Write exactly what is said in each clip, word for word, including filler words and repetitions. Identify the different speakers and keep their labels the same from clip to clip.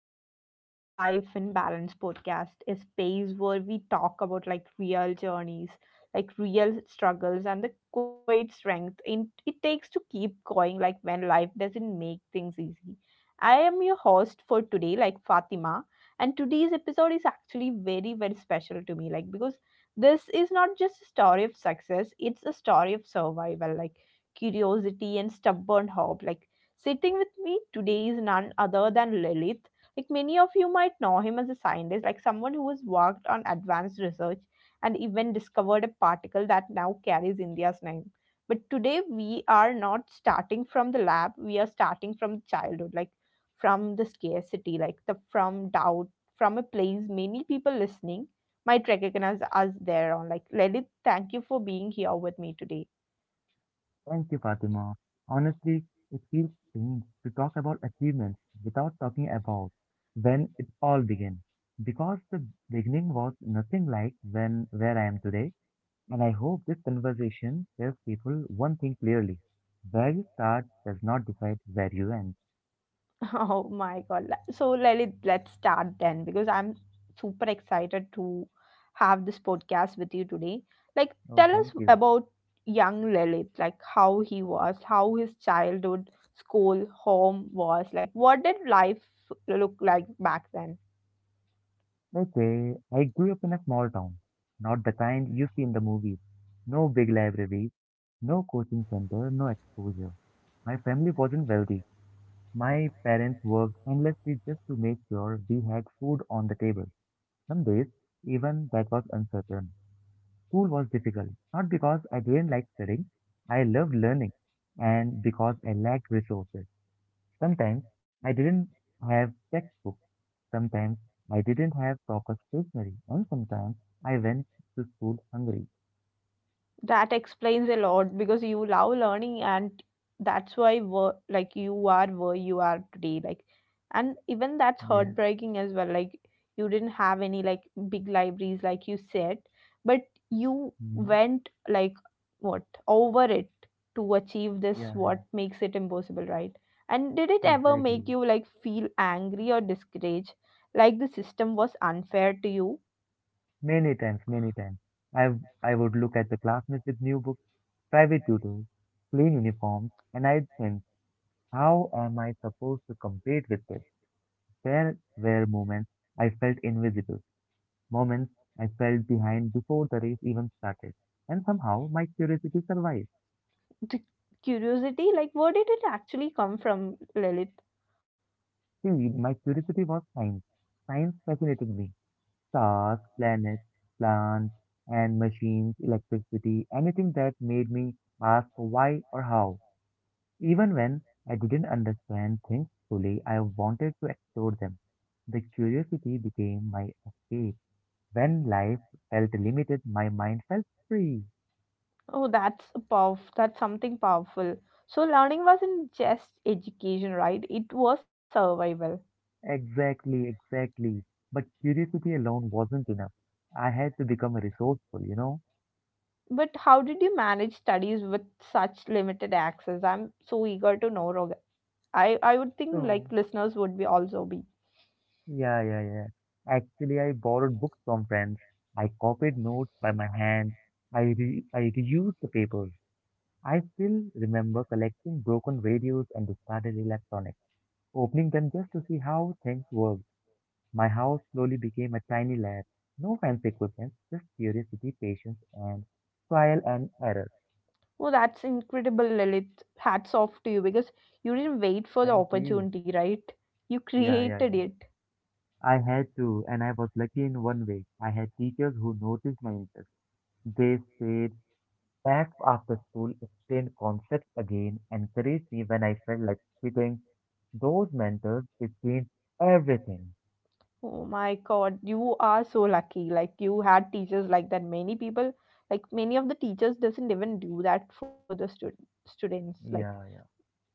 Speaker 1: welcome back to Life in Balance podcast, a space where we talk about like real journeys, like real struggles, and the quiet strength in, it takes to keep going, like when life doesn't make things easy. I am your host for today, like Fatima, and today's episode is actually very, very special to me, like because this is not just a story of success, it's a story of survival, like curiosity and stubborn hope, like sitting with me today is none other than Lilith. Like many of you might know him as a scientist, like someone who has worked on advanced research and even discovered a particle that now carries India's name. But today we are not starting from the lab, we are starting from childhood, like from the scarcity, like the from doubt, from a place many people listening might recognize us there on. Like Lilith, thank you for being here with me today.
Speaker 2: Thank you, Fatima. Honestly, it feels strange to talk about achievements without talking about when it all began. Because the beginning was nothing like when where I am today, and I hope this conversation tells people one thing clearly. Where you start does not decide where you end.
Speaker 1: Oh my God. Le- So Lalit, let's start then because I'm super excited to have this podcast with you today. Like,
Speaker 2: Oh,
Speaker 1: tell us
Speaker 2: thank you.
Speaker 1: about young Lalit, like how he was, how his childhood, school, home was. Like, what did life look like back then?
Speaker 2: Okay, I grew up in a small town, not the kind you see in the movies. No big libraries, no coaching center, no exposure. My family wasn't wealthy. My parents worked endlessly just to make sure we had food on the table. Some days, even that was uncertain. School was difficult, not because I didn't like studying, I loved learning, and because I lacked resources. Sometimes I didn't have textbooks, sometimes I didn't have proper stationery, and sometimes I went to school hungry.
Speaker 1: That explains a lot because you love learning and that's why were like you are where you are today. Like, and even that's
Speaker 2: Yes.
Speaker 1: heartbreaking as well. Like you didn't have any like big libraries like you said, but you
Speaker 2: Mm.
Speaker 1: went like what over it to achieve this
Speaker 2: Yeah, yeah,
Speaker 1: what makes it impossible, right? And did it ever make
Speaker 2: exactly.
Speaker 1: you like feel angry or discouraged? Like the system was unfair to you?
Speaker 2: Many times, many times. I, w- I would look at the classmates with new books, private tutors, plain uniforms, and I'd think, how am I supposed to compete with this? There were moments I felt invisible, moments I felt behind before the race even started, and somehow my curiosity survived.
Speaker 1: The curiosity, like where did it actually come from, Lilith?
Speaker 2: See, my curiosity was science. Science fascinated me. Stars, planets, plants, and machines, electricity, anything that made me ask why or how. Even when I didn't understand things fully, I wanted to explore them. The curiosity became my escape. When life felt limited, my mind felt free.
Speaker 1: Oh, that's a powerful. That's something powerful. So learning wasn't just education, right? It was survival.
Speaker 2: Exactly, exactly. But curiosity alone wasn't enough. I had to become resourceful, you know?
Speaker 1: But how did you manage studies with such limited access? I'm so eager to know, Roger. I I would think
Speaker 2: So,
Speaker 1: like listeners would be also be.
Speaker 2: yeah, yeah, yeah. Actually, I borrowed books from friends. I copied notes by my hand. I, re- I reused the papers. I still remember collecting broken radios and discarded electronics. Opening them just to see how things worked, my house slowly became a tiny lab. No fancy equipment, just curiosity, patience, and trial and error.
Speaker 1: Oh, that's incredible, Lilith. Hats off to you because you didn't wait for the
Speaker 2: Thank you.
Speaker 1: opportunity, right? You
Speaker 2: Yeah, yeah,
Speaker 1: created
Speaker 2: yeah.
Speaker 1: it.
Speaker 2: I had to, and I was lucky in one way. I had teachers who noticed my interest. They stayed back after school, explained concepts again, encouraged me when I felt like quitting. Those mentors, it changed everything.
Speaker 1: Oh my God, you are so lucky. Like you had teachers like that. Many people, like many of the teachers, doesn't even do that for the stud- students. Like,
Speaker 2: Yeah, yeah.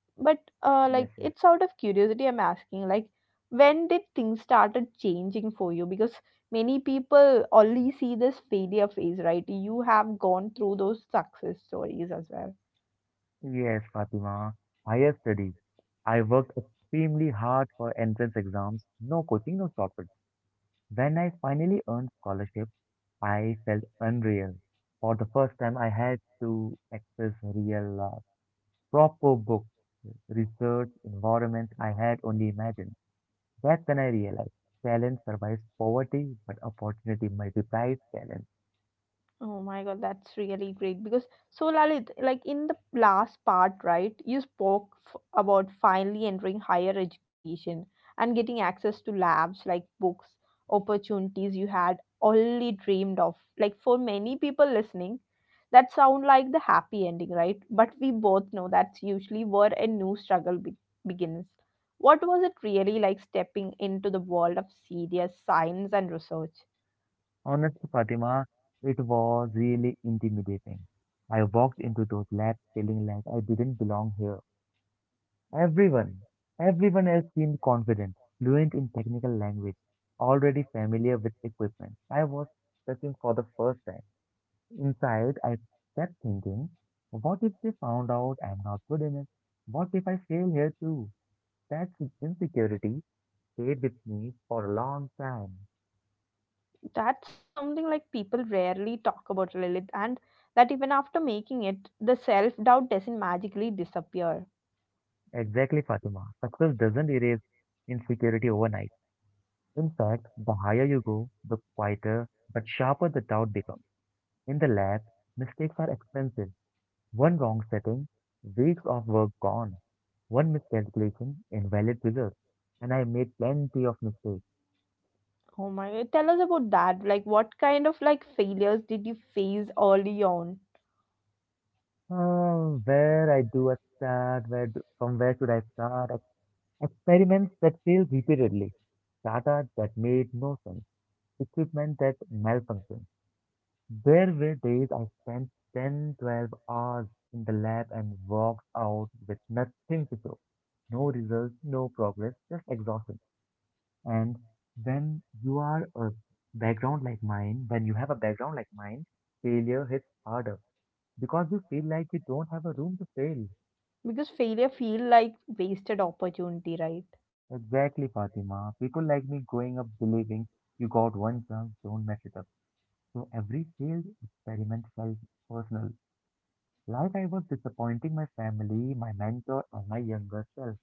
Speaker 1: but uh, like
Speaker 2: Yes, yes.
Speaker 1: it's out of curiosity I'm asking. Like, when did things started changing for you? Because many people only see this failure phase, right? You have gone through those success stories as well.
Speaker 2: Yes, Fatima. Higher studies. I worked extremely hard for entrance exams. No coaching, no shortcuts. When I finally earned scholarship, I felt unreal. For the first time, I had to access real, uh, proper books, research, environment I had only imagined. That's when I realized talent survives poverty, but opportunity multiplies talent.
Speaker 1: Oh my god, that's really great because so Lalit, like in the last part, right, you spoke f- about finally entering higher education and getting access to labs like books, opportunities you had only dreamed of. Like for many people listening, that sound like the happy ending, right? But we both know that's usually where a new struggle be- begins. What was it really like stepping into the world of serious science and research?
Speaker 2: Honestly, Fatima, it was really intimidating. I walked into those labs feeling like I didn't belong here. Everyone, everyone else seemed confident, fluent in technical language, already familiar with equipment. I was searching for the first time. Inside, I kept thinking, what if they found out I'm not good enough? What if I fail here too? That insecurity stayed with me for a long time.
Speaker 1: That's something like people rarely talk about Lilith, and that even after making it, the self doubt doesn't magically disappear.
Speaker 2: Exactly, Fatima. Success doesn't erase insecurity overnight. In fact, the higher you go, the quieter but sharper the doubt becomes. In the lab, mistakes are expensive. One wrong setting, weeks of work gone. One miscalculation, invalid results. And I made plenty of mistakes.
Speaker 1: Oh my god, tell us about that. Like, what kind of like failures did you face early on?
Speaker 2: Oh, where I do a start, where do, from where should I start? Ex- Experiments that failed repeatedly, data that made no sense, equipment that malfunctioned. There were days I spent ten, twelve hours in the lab and walked out with nothing to show. No results, no progress, just exhaustion. And when you are a background like mine, when you have a background like mine, failure hits harder because you feel like you don't have a room to fail.
Speaker 1: Because failure feel like wasted opportunity, right?
Speaker 2: Exactly, Fatima. People like me growing up believing you got one chance, don't mess it up. So every failed experiment felt personal. Like I was disappointing my family, my mentor, and my younger self.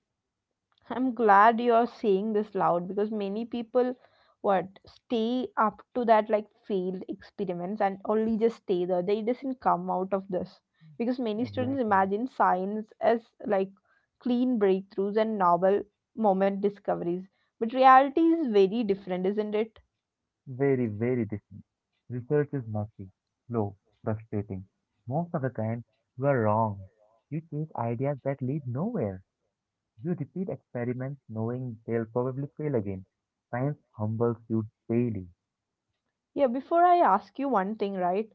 Speaker 1: I'm glad you're saying this loud because many people what stay up to that like failed experiments and only just stay there. They doesn't come out of this because many students
Speaker 2: Exactly.
Speaker 1: imagine science as like clean breakthroughs and novel moment discoveries. But reality is very different, isn't it?
Speaker 2: Very, very different. Research is messy, slow, frustrating. Most of the time, you are wrong. You chase ideas that lead nowhere. You repeat experiments knowing they'll probably fail again. Science humbles you daily.
Speaker 1: Yeah, before I ask you one thing, right?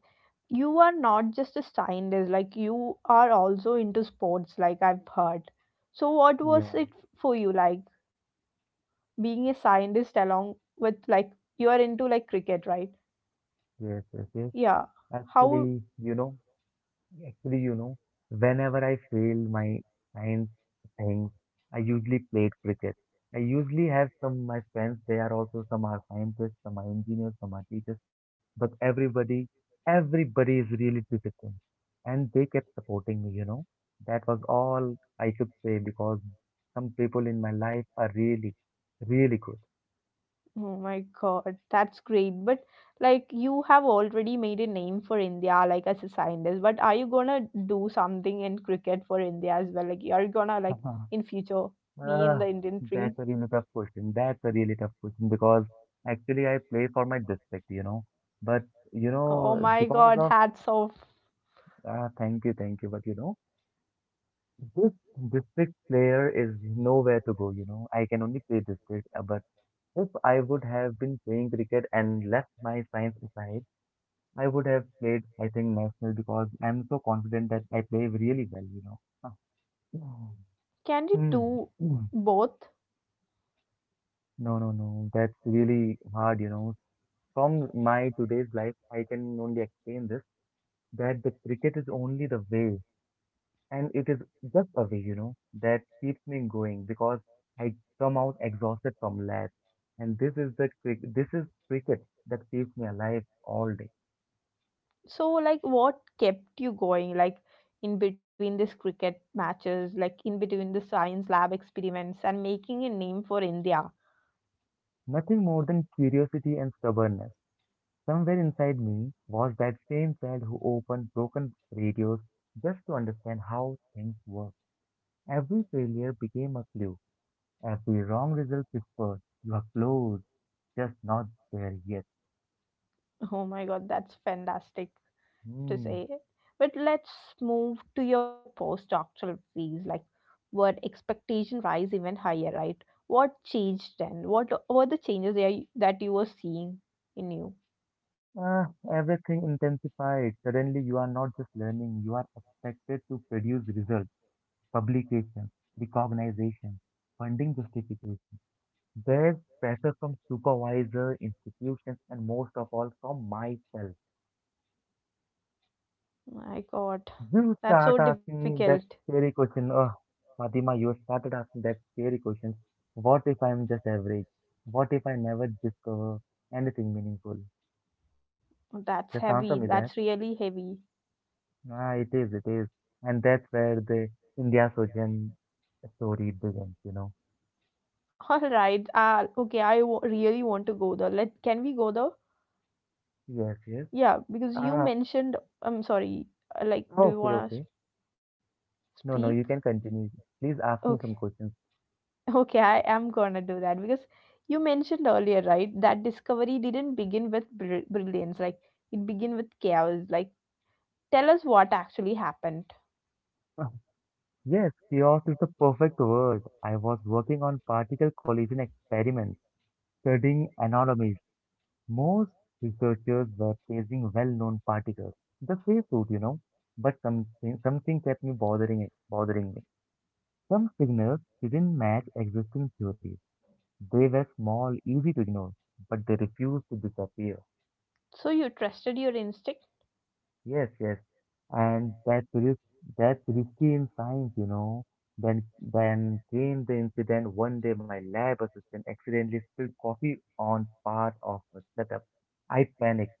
Speaker 1: You are not just a scientist, like you are also into sports, like I've heard. So what was
Speaker 2: Yeah,
Speaker 1: it for you like? Being a scientist along with like you are into like cricket, right?
Speaker 2: yes, yes, yes.
Speaker 1: Yeah, how?
Speaker 2: Actually, you know, Actually, you know, whenever I fail my science things, I usually played cricket. I usually have some my friends, they are also some are scientists, some are engineers, some are teachers, but everybody, everybody is really disciplined. And they kept supporting me, you know. That was all I should say because some people in my life are really, really good.
Speaker 1: Oh my god, that's great, but like you have already made a name for India like as a scientist, but are you gonna do something in cricket for India as well, like you're gonna like in future be in
Speaker 2: Uh,
Speaker 1: the Indian team?
Speaker 2: that's a really tough question. That's a really tough question because actually I play for my district, you know. But you
Speaker 1: Oh
Speaker 2: know,
Speaker 1: my
Speaker 2: because
Speaker 1: god,
Speaker 2: of
Speaker 1: hats off.
Speaker 2: uh, thank you, thank you. But you know, this district player is nowhere to go. You know, I can only play district. uh, But if I would have been playing cricket and left my science aside, I would have played, I think, national because I'm so confident that I play really well. You know. Huh.
Speaker 1: Can you
Speaker 2: Hmm.
Speaker 1: do both?
Speaker 2: No, no, no. That's really hard, you know. From my today's life, I can only explain this that the cricket is only the way, and it is just a way, you know, that keeps me going because I come out exhausted from labs, and this is the crick this is cricket that keeps me alive all day.
Speaker 1: So, like, what kept you going, like, in between these cricket matches, like, in between the science lab experiments and making a name for India?
Speaker 2: Nothing more than curiosity and stubbornness. Somewhere inside me was that same child who opened broken radios just to understand how things work. Every failure became a clue. Every wrong result whispered. You are close. Just not there yet.
Speaker 1: Oh my God, that's fantastic to
Speaker 2: Hmm.
Speaker 1: say. But let's move to your postdoctoral phase, like, were expectation rise even higher, right? What changed then? What were the changes there y- that you were seeing in you?
Speaker 2: Ah, Everything intensified. Suddenly, you are not just learning, you are expected to produce results, publications, recognition, funding justification. There's pressure from supervisor, institutions, and most of all from myself.
Speaker 1: My God,
Speaker 2: You
Speaker 1: that's so
Speaker 2: start asking
Speaker 1: difficult.
Speaker 2: that scary question. Oh, Fatima, you started asking that scary question. What if I'm just average? What if I never discover anything meaningful?
Speaker 1: That's
Speaker 2: Just answer
Speaker 1: heavy.
Speaker 2: me that.
Speaker 1: That's really heavy.
Speaker 2: Ah, it is, it is. And that's where the India Sojan story begins, you know.
Speaker 1: All right. Uh, okay, I w really want to go there. Let can we go there?
Speaker 2: Yes, yes.
Speaker 1: Yeah, because you
Speaker 2: Ah,
Speaker 1: mentioned. I'm sorry. uh, Like, do you
Speaker 2: okay,
Speaker 1: wanna
Speaker 2: okay. No,
Speaker 1: speak?
Speaker 2: no, you can continue. Please ask me
Speaker 1: Okay.
Speaker 2: some questions.
Speaker 1: Okay, I am gonna do that because you mentioned earlier, right, that discovery didn't begin with br- brilliance. Like, it began with chaos. Like, tell us what actually happened.
Speaker 2: Ah, Yes, chaos is the perfect word. I was working on particle collision experiments, studying anomalies. Most researchers were chasing well-known particles, the safe route, you know. But something, something kept me bothering it, bothering me. Some signals didn't match existing theories. They were small, easy to ignore, but they refused to disappear.
Speaker 1: So you trusted your instinct?
Speaker 2: Yes, yes. And that's risk, that's risky in science, you know. Then, then came the incident. One day, my lab assistant accidentally spilled coffee on part of the setup. I panicked.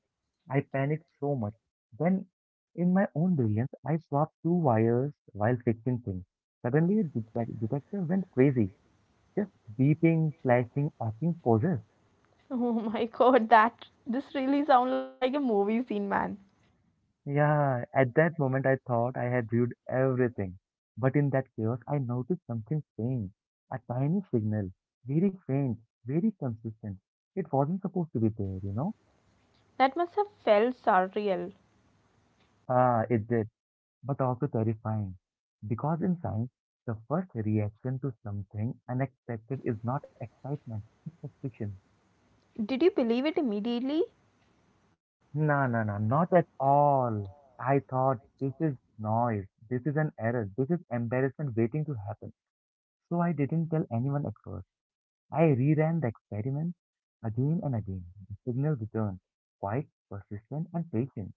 Speaker 2: I panicked so much. Then, in my own brilliance, I swapped two wires while fixing things. Suddenly, the detec- detector went crazy, just beeping, flashing, acting poses.
Speaker 1: Oh my God, that this really sounds like a movie scene, man.
Speaker 2: Yeah, at that moment I thought I had viewed everything. But in that chaos, I noticed something strange. A tiny signal, very faint, very consistent. It wasn't supposed to be there, you know?
Speaker 1: That must have felt surreal.
Speaker 2: Ah, it did, but also terrifying. Because in science, the first reaction to something unexpected is not excitement, it's suspicion.
Speaker 1: Did you believe it immediately?
Speaker 2: No, no, no, not at all. I thought this is noise, this is an error, this is embarrassment waiting to happen. So I didn't tell anyone at first. I reran the experiment again and again. The signal returned, quite persistent and patient.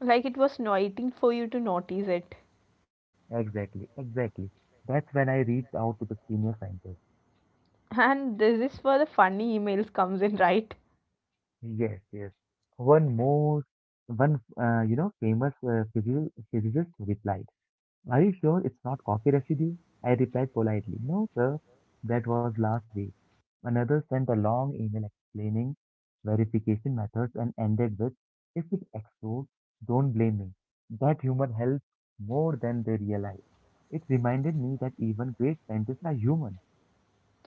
Speaker 1: Like it was waiting for you to notice it.
Speaker 2: Exactly, exactly. That's when I reached out to the senior scientist.
Speaker 1: And this is where the funny emails comes in, right?
Speaker 2: Yes, yes. One more, one, uh, you know, famous uh, physio- physicist replied. Are you sure it's not coffee residue? I replied politely. No, sir. That was last week. Another sent a long email explaining verification methods and ended with, if it explodes, don't blame me. That humor helps more than they realize. It reminded me that even great scientists are human.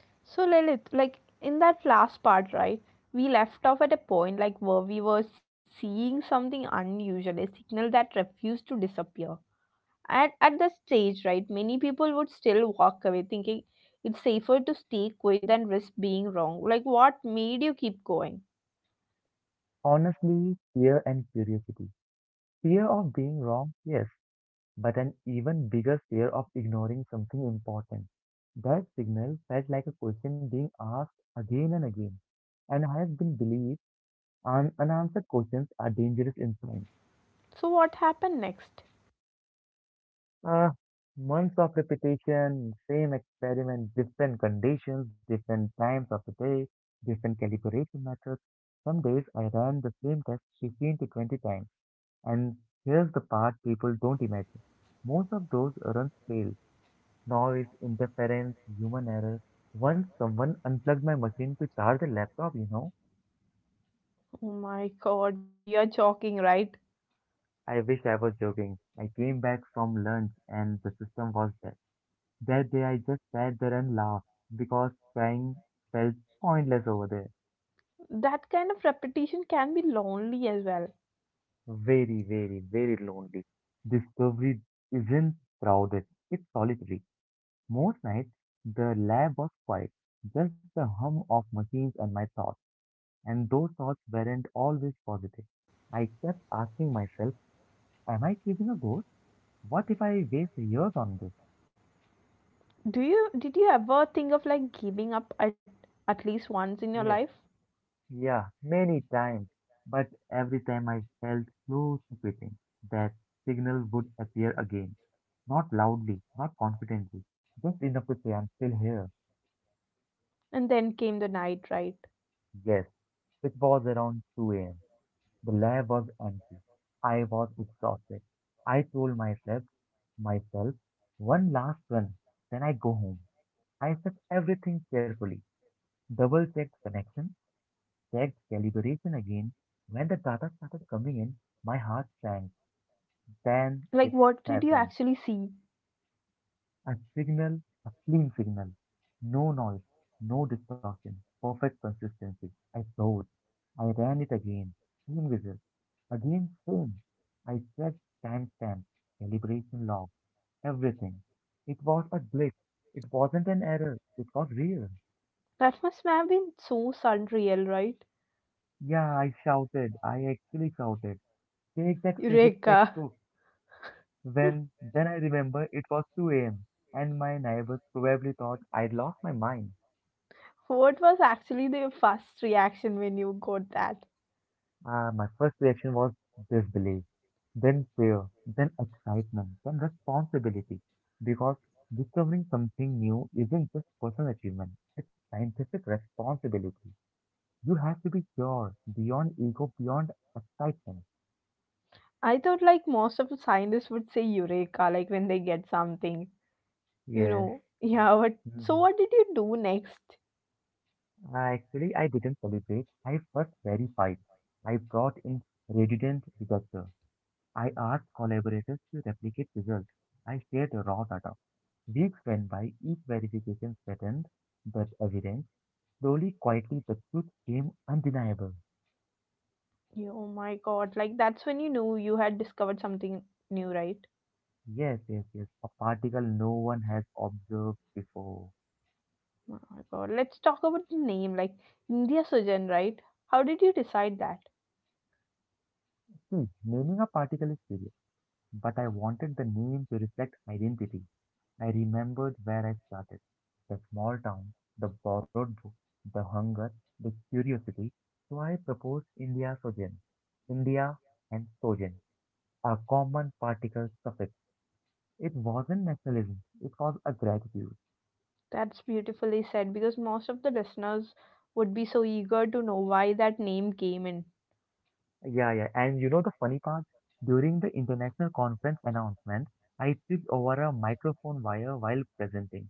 Speaker 1: So Lilith, like in that last part, right, we left off at a point like where we were seeing something unusual, a signal that refused to disappear. At, at the stage right, many people would still walk away thinking it's safer to stay quiet than risk being wrong. Like, what made you keep going?
Speaker 2: Honestly, fear and curiosity. Fear of being wrong, yes. But an even bigger fear of ignoring something important. That signal felt like a question being asked again and again, and I have been believed un- unanswered questions are dangerous in science.
Speaker 1: So what happened next?
Speaker 2: Ah, Months of repetition, same experiment, different conditions, different times of the day, different calibration methods. Some days I ran the same test fifteen to twenty times, and here's the part people don't imagine. Most of those runs fail noise, interference, human error. Once someone unplugged my machine to charge a laptop, you know.
Speaker 1: Oh my god, you're joking, right?
Speaker 2: I wish I was joking. I came back from lunch and the system was dead. That day I just sat there and laughed because trying felt pointless over there.
Speaker 1: That kind of repetition can be lonely as well.
Speaker 2: Very, very, very lonely. Discovery isn't crowded, it's solitary. Most nights the lab was quiet, just the hum of machines and my thoughts. And those thoughts weren't always positive. I kept asking myself, am I keeping a ghost? What if I waste years on this?
Speaker 1: Do you Did you ever think of like giving up at, at least once in your
Speaker 2: Yes,
Speaker 1: life?
Speaker 2: yeah, many times. But every time I felt close to quitting, that signal would appear again. Not loudly, not confidently, just enough to say I'm still here.
Speaker 1: And then came the night, right?
Speaker 2: Yes, it was around two a m. The lab was empty. I was exhausted. I told myself, myself, one last run, then I go home. I set everything carefully, double checked connection, checked calibration again. When the data started coming in, my heart sank. Then it
Speaker 1: Like, what did you
Speaker 2: happened.
Speaker 1: actually see?
Speaker 2: A signal, a clean signal. No noise, no distortion, perfect consistency. I soared. I ran it again. Same result. Again, same. I checked timestamp, calibration log, everything. It was a glitch. It wasn't an error. It was real.
Speaker 1: That must have been so surreal, right?
Speaker 2: Yeah, I shouted. I actually shouted. Take that physics
Speaker 1: Eureka.
Speaker 2: textbook. When then I remember it was two a m and my neighbors probably thought I'd lost my mind.
Speaker 1: What was actually the first reaction when you got that?
Speaker 2: Uh, my first reaction was disbelief, then fear, then excitement, then responsibility. Because discovering something new isn't just personal achievement, it's scientific responsibility. You have to be pure, beyond ego, beyond excitement.
Speaker 1: I thought like most of the scientists would say eureka like when they get something, you
Speaker 2: Yes.
Speaker 1: know, yeah, but so
Speaker 2: Mm-hmm.
Speaker 1: what did you do next?
Speaker 2: I Actually, I didn't celebrate. I first verified. I brought in redundant detector. I asked collaborators to replicate results. I shared raw data. Weeks went by, each verification strengthened that evidence. Slowly, quietly, the truth came undeniable.
Speaker 1: You, oh my god, like that's when you knew you had discovered something new, right?
Speaker 2: Yes, yes, yes, a particle no one has observed before.
Speaker 1: Oh my god, let's talk about the name, like India Sujan, right? How did you decide that?
Speaker 2: See, naming a particle is serious, but I wanted the name to reflect identity. I remembered where I started the small town, the borrowed book, the hunger, the curiosity. So I proposed India Sojourn. India and Sojourn are common particle suffix. It wasn't nationalism, it was a gratitude.
Speaker 1: That's beautifully said because most of the listeners would be so eager to know why that name came in.
Speaker 2: Yeah, yeah. And you know the funny part? During the international conference announcement, I tripped over a microphone wire while presenting.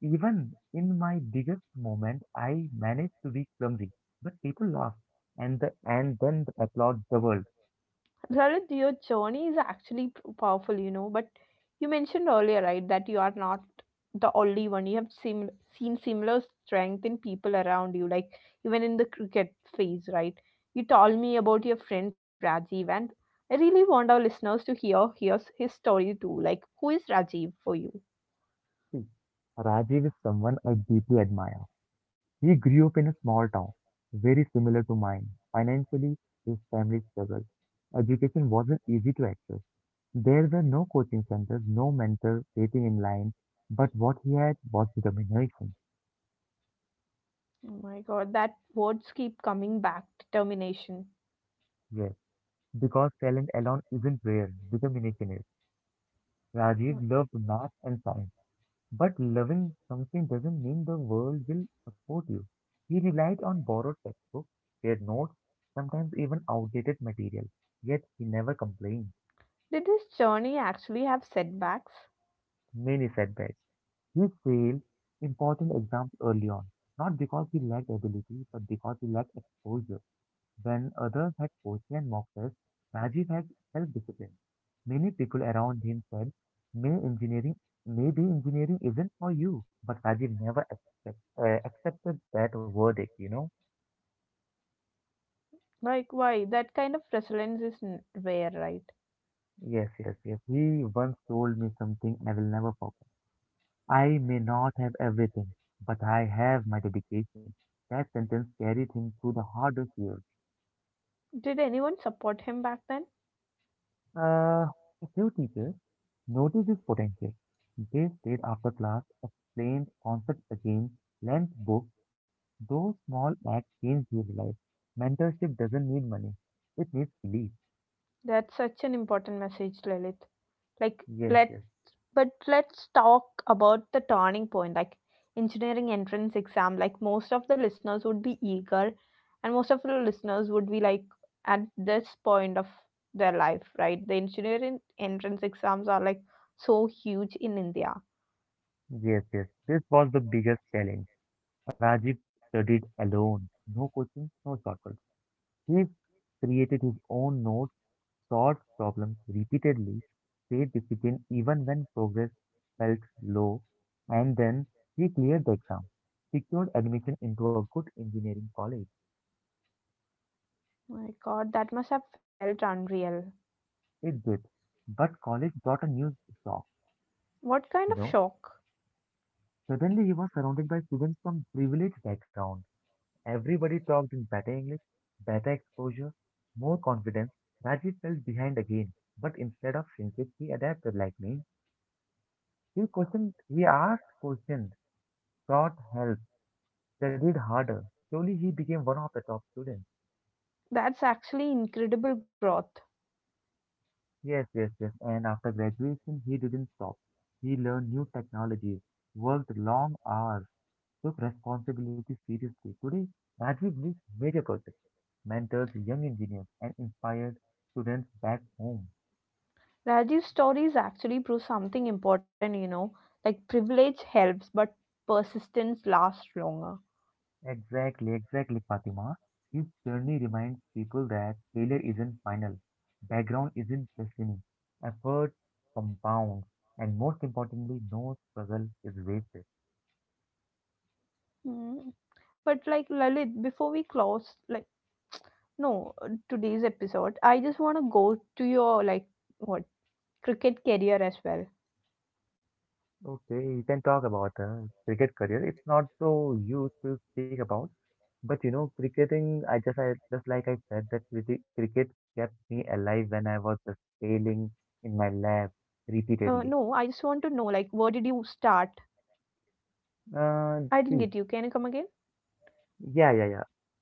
Speaker 2: Even in my biggest moment, I managed to be clumsy, but people laughed, and the and then the applaud doubled.
Speaker 1: Lalit, your journey is actually p- powerful, you know. But you mentioned earlier, right, that you are not the only one. You have seen seen similar strength in people around you, like even in the cricket phase, right? You told me about your friend Rajiv, and I really want our listeners to hear hears his story too. Like, who is Rajiv for you?
Speaker 2: See, Rajiv is someone I deeply admire. He grew up in a small town, very similar to mine. Financially, his family struggled. Education wasn't easy to access. There were no coaching centers, no mentor waiting in line, but what he had was determination.
Speaker 1: Oh my God, that words keep coming back. Determination.
Speaker 2: Yes, because talent alone isn't rare, determination is. Rajiv loved math and science. But loving something doesn't mean the world will support you. He relied on borrowed textbooks, shared notes, sometimes even outdated material. Yet he never complained.
Speaker 1: Did this journey actually have setbacks?
Speaker 2: Many setbacks. He failed important exams early on, not because he lacked ability, but because he lacked exposure. When others had Koshi and Moxes, Rajiv had self-discipline. Many people around him said, May engineering, maybe engineering isn't for you. But Rajiv never accept, uh, accepted that verdict, you know?
Speaker 1: Like, why? That kind of resilience is n- rare, right?
Speaker 2: Yes, yes, yes. He once told me something I will never forget. I may not have everything, but I have my dedication. That sentence carried him through the hardest years.
Speaker 1: Did anyone support him back then?
Speaker 2: Uh, a few teachers noticed his potential. They stayed after class, explained concepts again, lent books. Those small acts changed his life. Mentorship doesn't need money; it needs belief.
Speaker 1: That's such an important message, Lilith. Like,
Speaker 2: Yes,
Speaker 1: let
Speaker 2: yes,
Speaker 1: but let's talk about the turning point, like engineering entrance exam. Like, most of the listeners would be eager, and most of the listeners would be like at this point of their life, right? The engineering entrance exams are like so huge in India.
Speaker 2: yes, yes. This was the biggest challenge. Rajiv studied alone, no coaching, no shortcuts. He created his own notes solved problems repeatedly. Faith began even when progress felt low, and then she cleared the exam, secured admission into a good engineering college.
Speaker 1: My God, that must have felt unreal.
Speaker 2: It did. But college brought a new shock,
Speaker 1: What kind
Speaker 2: you
Speaker 1: of
Speaker 2: know.
Speaker 1: shock?
Speaker 2: Suddenly, he was surrounded by students from privileged backgrounds. Everybody talked in better English, better exposure, more confidence. Rajiv felt behind again, but instead of shrinking, he adapted like me. He questioned, he asked questions, sought help, studied harder. Slowly, he became one of the top students.
Speaker 1: That's actually incredible growth.
Speaker 2: Yes, yes, yes. And after graduation, he didn't stop. He learned new technologies, worked long hours, took responsibility seriously. Today, Rajiv leads major projects, mentors young engineers, and inspired students back home.
Speaker 1: Rajiv's stories actually prove something important, you know, like privilege helps, but persistence lasts longer.
Speaker 2: Exactly, exactly, Fatima. His journey reminds people that failure isn't final, background isn't destiny, effort compounds, and most importantly, no struggle is wasted.
Speaker 1: Hmm. But like Lalit, before we close, like no, uh, today's episode, I just want to go to your like what cricket career as well.
Speaker 2: Okay, you can talk about uh, cricket career. It's not so used to speak about, but you know, cricketing. I just, I just like I said that cricket, cricket kept me alive when I was just
Speaker 1: Uh,
Speaker 2: failing
Speaker 1: no, I
Speaker 2: in
Speaker 1: just
Speaker 2: my
Speaker 1: want to
Speaker 2: lab
Speaker 1: know like where did
Speaker 2: repeatedly.
Speaker 1: you start? I didn't get you.
Speaker 2: Uh,
Speaker 1: Can you come again?
Speaker 2: see, yeah, yeah, yeah.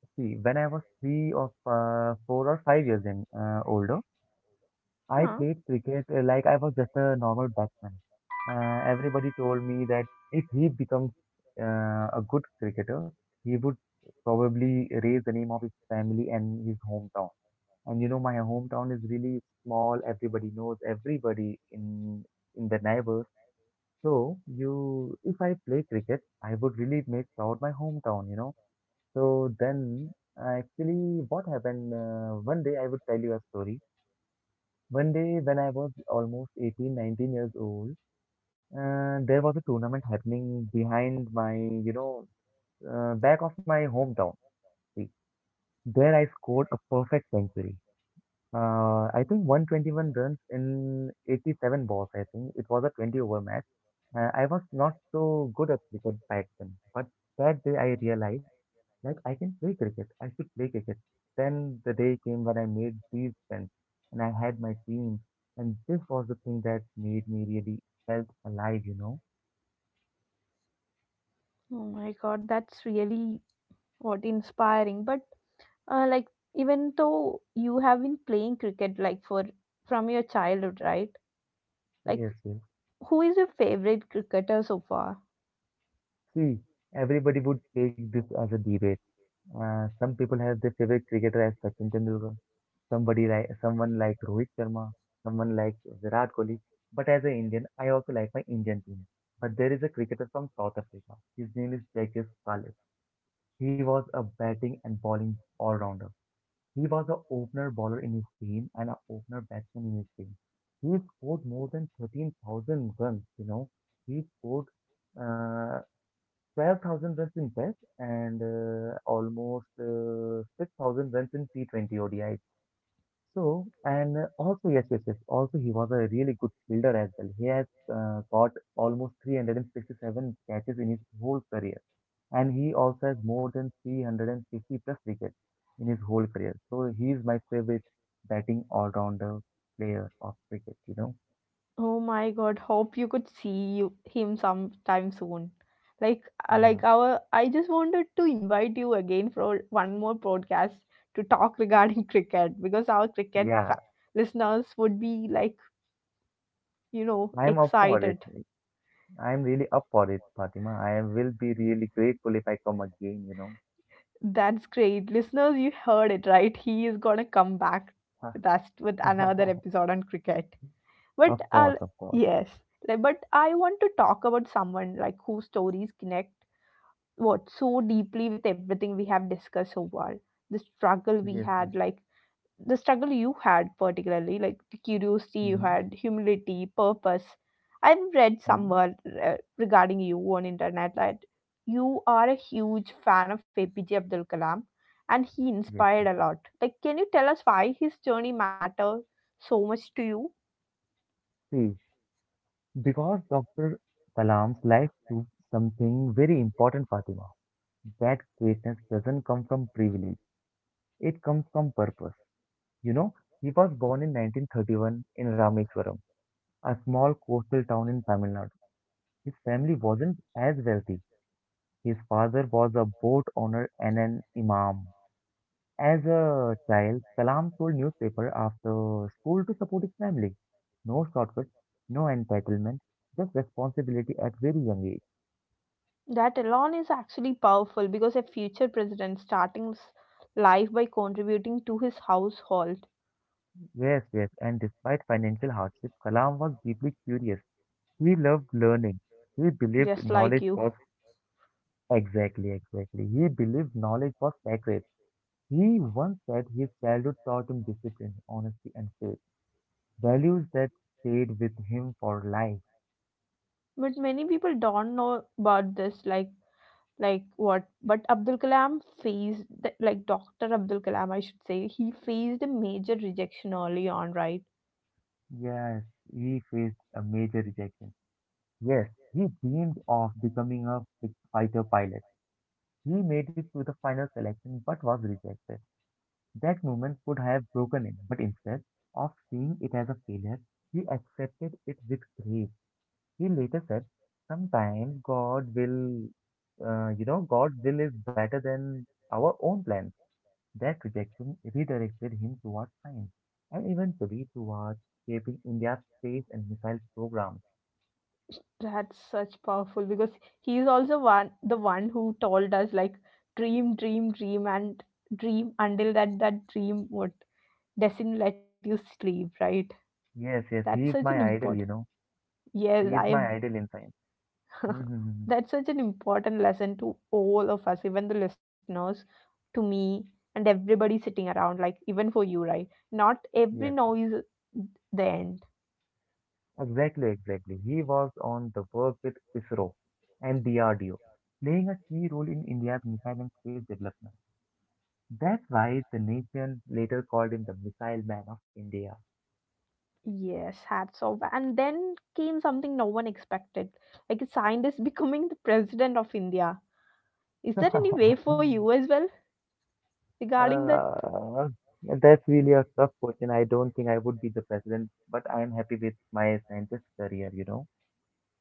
Speaker 2: See, when I was three or uh, four or five years in uh, older, I
Speaker 1: Huh?
Speaker 2: played cricket uh, like I was just a normal batsman. Uh, everybody told me that if he becomes uh, a good cricketer, he would probably raise the name of his family and his hometown. And you know, my hometown is really small. Everybody knows everybody in in the neighbors. So you, if I play cricket, I would really make proud my hometown. You know. So then, uh, actually, what happened? Uh, one day, I would tell you a story. One day when I was almost eighteen, nineteen years old, uh, there was a tournament happening behind my, you know, uh, back of my hometown. See, there I scored a perfect century. Uh, I think one twenty-one runs in eighty-seven balls, I think. It was a twenty over match. Uh, I was not so good at cricket back then, but that day I realized like I can play cricket. I should play cricket. Then the day came when I made these friends and I had my team. And this was the thing that made me really felt alive, you know?
Speaker 1: Oh my God, that's really what inspiring. But uh, like even though you have been playing cricket like for from your childhood, right? Like,
Speaker 2: Yes, yes.
Speaker 1: who is your favorite cricketer so far?
Speaker 2: See, everybody would take this as a debate. Uh, some people have their favorite cricketer as Sachin Tendulkar, somebody like someone like Rohit Sharma, someone like Virat Kohli. But as an Indian, I also like my Indian team. But there is a cricketer from South Africa. His name is Jacques Salif. He was a batting and bowling all-rounder. He was an opener bowler in his team and an opener batsman in his team. He scored more than thirteen thousand runs, you know. He scored uh, twelve thousand runs in Test and uh, almost uh, six thousand runs in T twenty O D I. So, and uh, also, yes, yes, yes, also he was a really good fielder as well. He has uh, got almost three hundred sixty-seven catches in his whole career and he also has more than three hundred fifty plus wickets in his whole career. So he is my favorite batting all-rounder player of cricket, you know.
Speaker 1: Oh my god, hope you could see you, him sometime soon. Like, uh,
Speaker 2: Yeah,
Speaker 1: like our i just wanted to invite you again for one more podcast to talk regarding cricket because our cricket
Speaker 2: yeah,
Speaker 1: fa- listeners would be like, you know,
Speaker 2: I'm up for it.
Speaker 1: excited.
Speaker 2: I'm really up for it, Fatima. I am- will be really grateful if I come again, you know.
Speaker 1: That's great. Listeners, you heard it right. He is going to come back with us with another episode on cricket. But
Speaker 2: Of course,
Speaker 1: uh,
Speaker 2: of course.
Speaker 1: yes, like, but I want to talk about someone like whose stories connect what so deeply with everything we have discussed so far. The struggle we
Speaker 2: Yes, yes.
Speaker 1: had, like the struggle you had particularly like the curiosity you
Speaker 2: Hmm.
Speaker 1: had, humility, purpose. I've read
Speaker 2: Hmm.
Speaker 1: somewhere uh, regarding you on internet that you are a huge fan of A P J Abdul Kalam, and he
Speaker 2: Yes,
Speaker 1: inspired
Speaker 2: yes.
Speaker 1: a lot. Like, can you tell us why his journey matters so much to you?
Speaker 2: See, because Doctor Kalam's life proved something very important, Fatima. That greatness doesn't come from privilege. It comes from purpose. You know, he was born in nineteen thirty-one in Rameswaram, a small coastal town in Tamil Nadu. His family wasn't as wealthy. His father was a boat owner and an imam. As a child, Kalam sold newspaper after school to support his family. No shortcuts, no entitlement, just responsibility at very young age.
Speaker 1: That alone is actually powerful because a future president starting his life by contributing to his household,
Speaker 2: Yes, yes, and despite financial hardship, Kalam was deeply curious. He loved learning. He
Speaker 1: just
Speaker 2: believed
Speaker 1: like
Speaker 2: knowledge
Speaker 1: you.
Speaker 2: was Exactly, exactly. He believed knowledge was sacred. He once said his childhood taught him discipline, honesty, and faith, values that stayed with him for life.
Speaker 1: But many people don't know about this, like like what but Abdul Kalam faced the, like doctor Abdul Kalam I should say, he faced a major rejection early on, right?
Speaker 2: Yes, he faced a major rejection. Yes, he dreamed of becoming a fi- fighter pilot. He made it to the final selection but was rejected. That moment could have broken him, but instead of seeing it as a failure, he accepted it with grace. He later said, sometimes God will, uh, you know, God's will is better than our own plans. That rejection redirected him towards science and eventually towards shaping India's space and missile programs.
Speaker 1: That's such powerful because he's also one the one who told us like, dream, dream, dream, and dream until that that dream would doesn't let you sleep, right?
Speaker 2: Yes, yes,
Speaker 1: That's
Speaker 2: he
Speaker 1: such
Speaker 2: is
Speaker 1: an
Speaker 2: my idol,
Speaker 1: important,
Speaker 2: you know.
Speaker 1: yes,
Speaker 2: He is
Speaker 1: I
Speaker 2: my idol in science. Mm-hmm.
Speaker 1: that's such an important lesson to all of us, even the listeners, to me, and everybody sitting around, like even for you, right? Not every
Speaker 2: Yes, yes,
Speaker 1: noise the end.
Speaker 2: exactly, exactly. He was on the work with ISRO and D R D O, playing a key role in India's missile and space development. That's why the nation later called him the Missile Man of India.
Speaker 1: Yes, hats off. And then came something no one expected, like a scientist becoming the president of India. Is there any way
Speaker 2: uh,
Speaker 1: for you as well regarding that?
Speaker 2: that's really a tough question. I don't think I would be the president, but I'm happy with my scientist career, you know.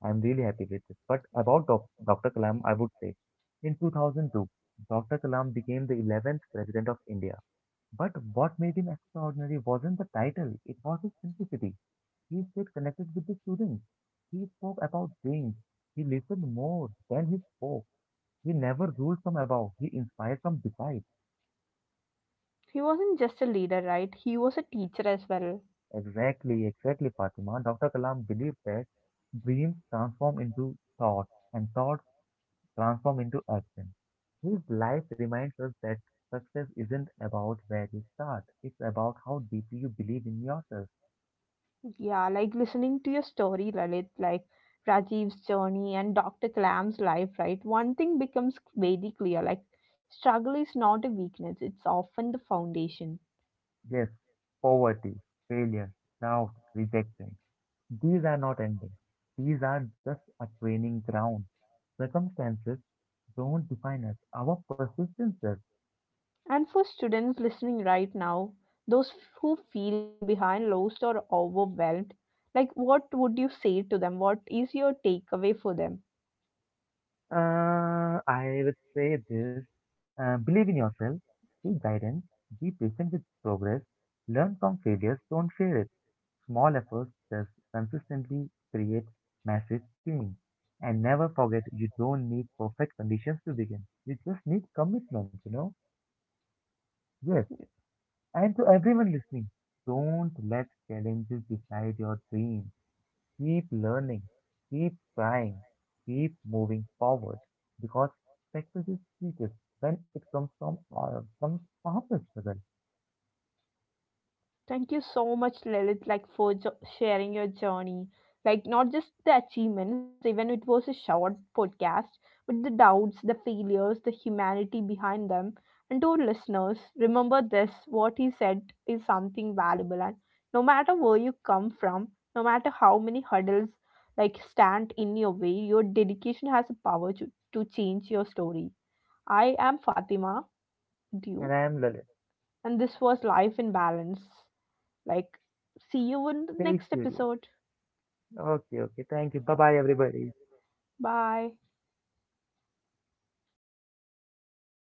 Speaker 2: I'm really happy with it. But about doc- Doctor Kalam, I would say in two thousand two, Doctor Kalam became the eleventh president of India. But what made him extraordinary wasn't the title, it was his simplicity. He stayed connected with the students. He spoke about things. He listened more than he spoke. He never ruled from above. He inspired from beside.
Speaker 1: He wasn't just a leader, right? He was a teacher as well.
Speaker 2: Exactly, exactly, Fatima. Doctor Kalam believed that dreams transform into thoughts and thoughts transform into action. His life reminds us that success isn't about where you start. It's about how deeply you believe in yourself.
Speaker 1: Yeah, like listening to your story, Lalit, like Rajiv's journey and doctor Kalam's life, right? One thing becomes very clear like, struggle is not a weakness, it's often the foundation.
Speaker 2: Yes, poverty, failure, doubt, rejection. These are not endings. These are just a training ground. Circumstances don't define us. Our persistence does.
Speaker 1: And for students listening right now, those who feel behind, lost, or overwhelmed, like, what would you say to them? What is your takeaway for them?
Speaker 2: Uh, I would say this. Uh, believe in yourself. Seek guidance. Be patient with progress. Learn from failures. Don't fear it. Small efforts just consistently create massive change. And never forget, you don't need perfect conditions to begin. You just need commitment, you know. Yes, and to everyone listening, don't let challenges decide your dream. Keep learning, keep trying, keep moving forward because success is sweetest when it comes from uh, from honest struggle.
Speaker 1: Thank you so much, Lilith, like for jo- sharing your journey. Like not just the achievements, even it was a short podcast, but the doubts, the failures, the humanity behind them. And to our listeners, remember this: what he said is something valuable, and no matter where you come from, no matter how many hurdles like stand in your way, your dedication has a power to, to change your story. I am Fatima, with
Speaker 2: And
Speaker 1: you,
Speaker 2: I am Lalit.
Speaker 1: and this was Life in Balance. Like, see you in the
Speaker 2: Stay
Speaker 1: next
Speaker 2: curious.
Speaker 1: episode.
Speaker 2: Okay, okay. Thank you. Bye bye, everybody.
Speaker 1: Bye.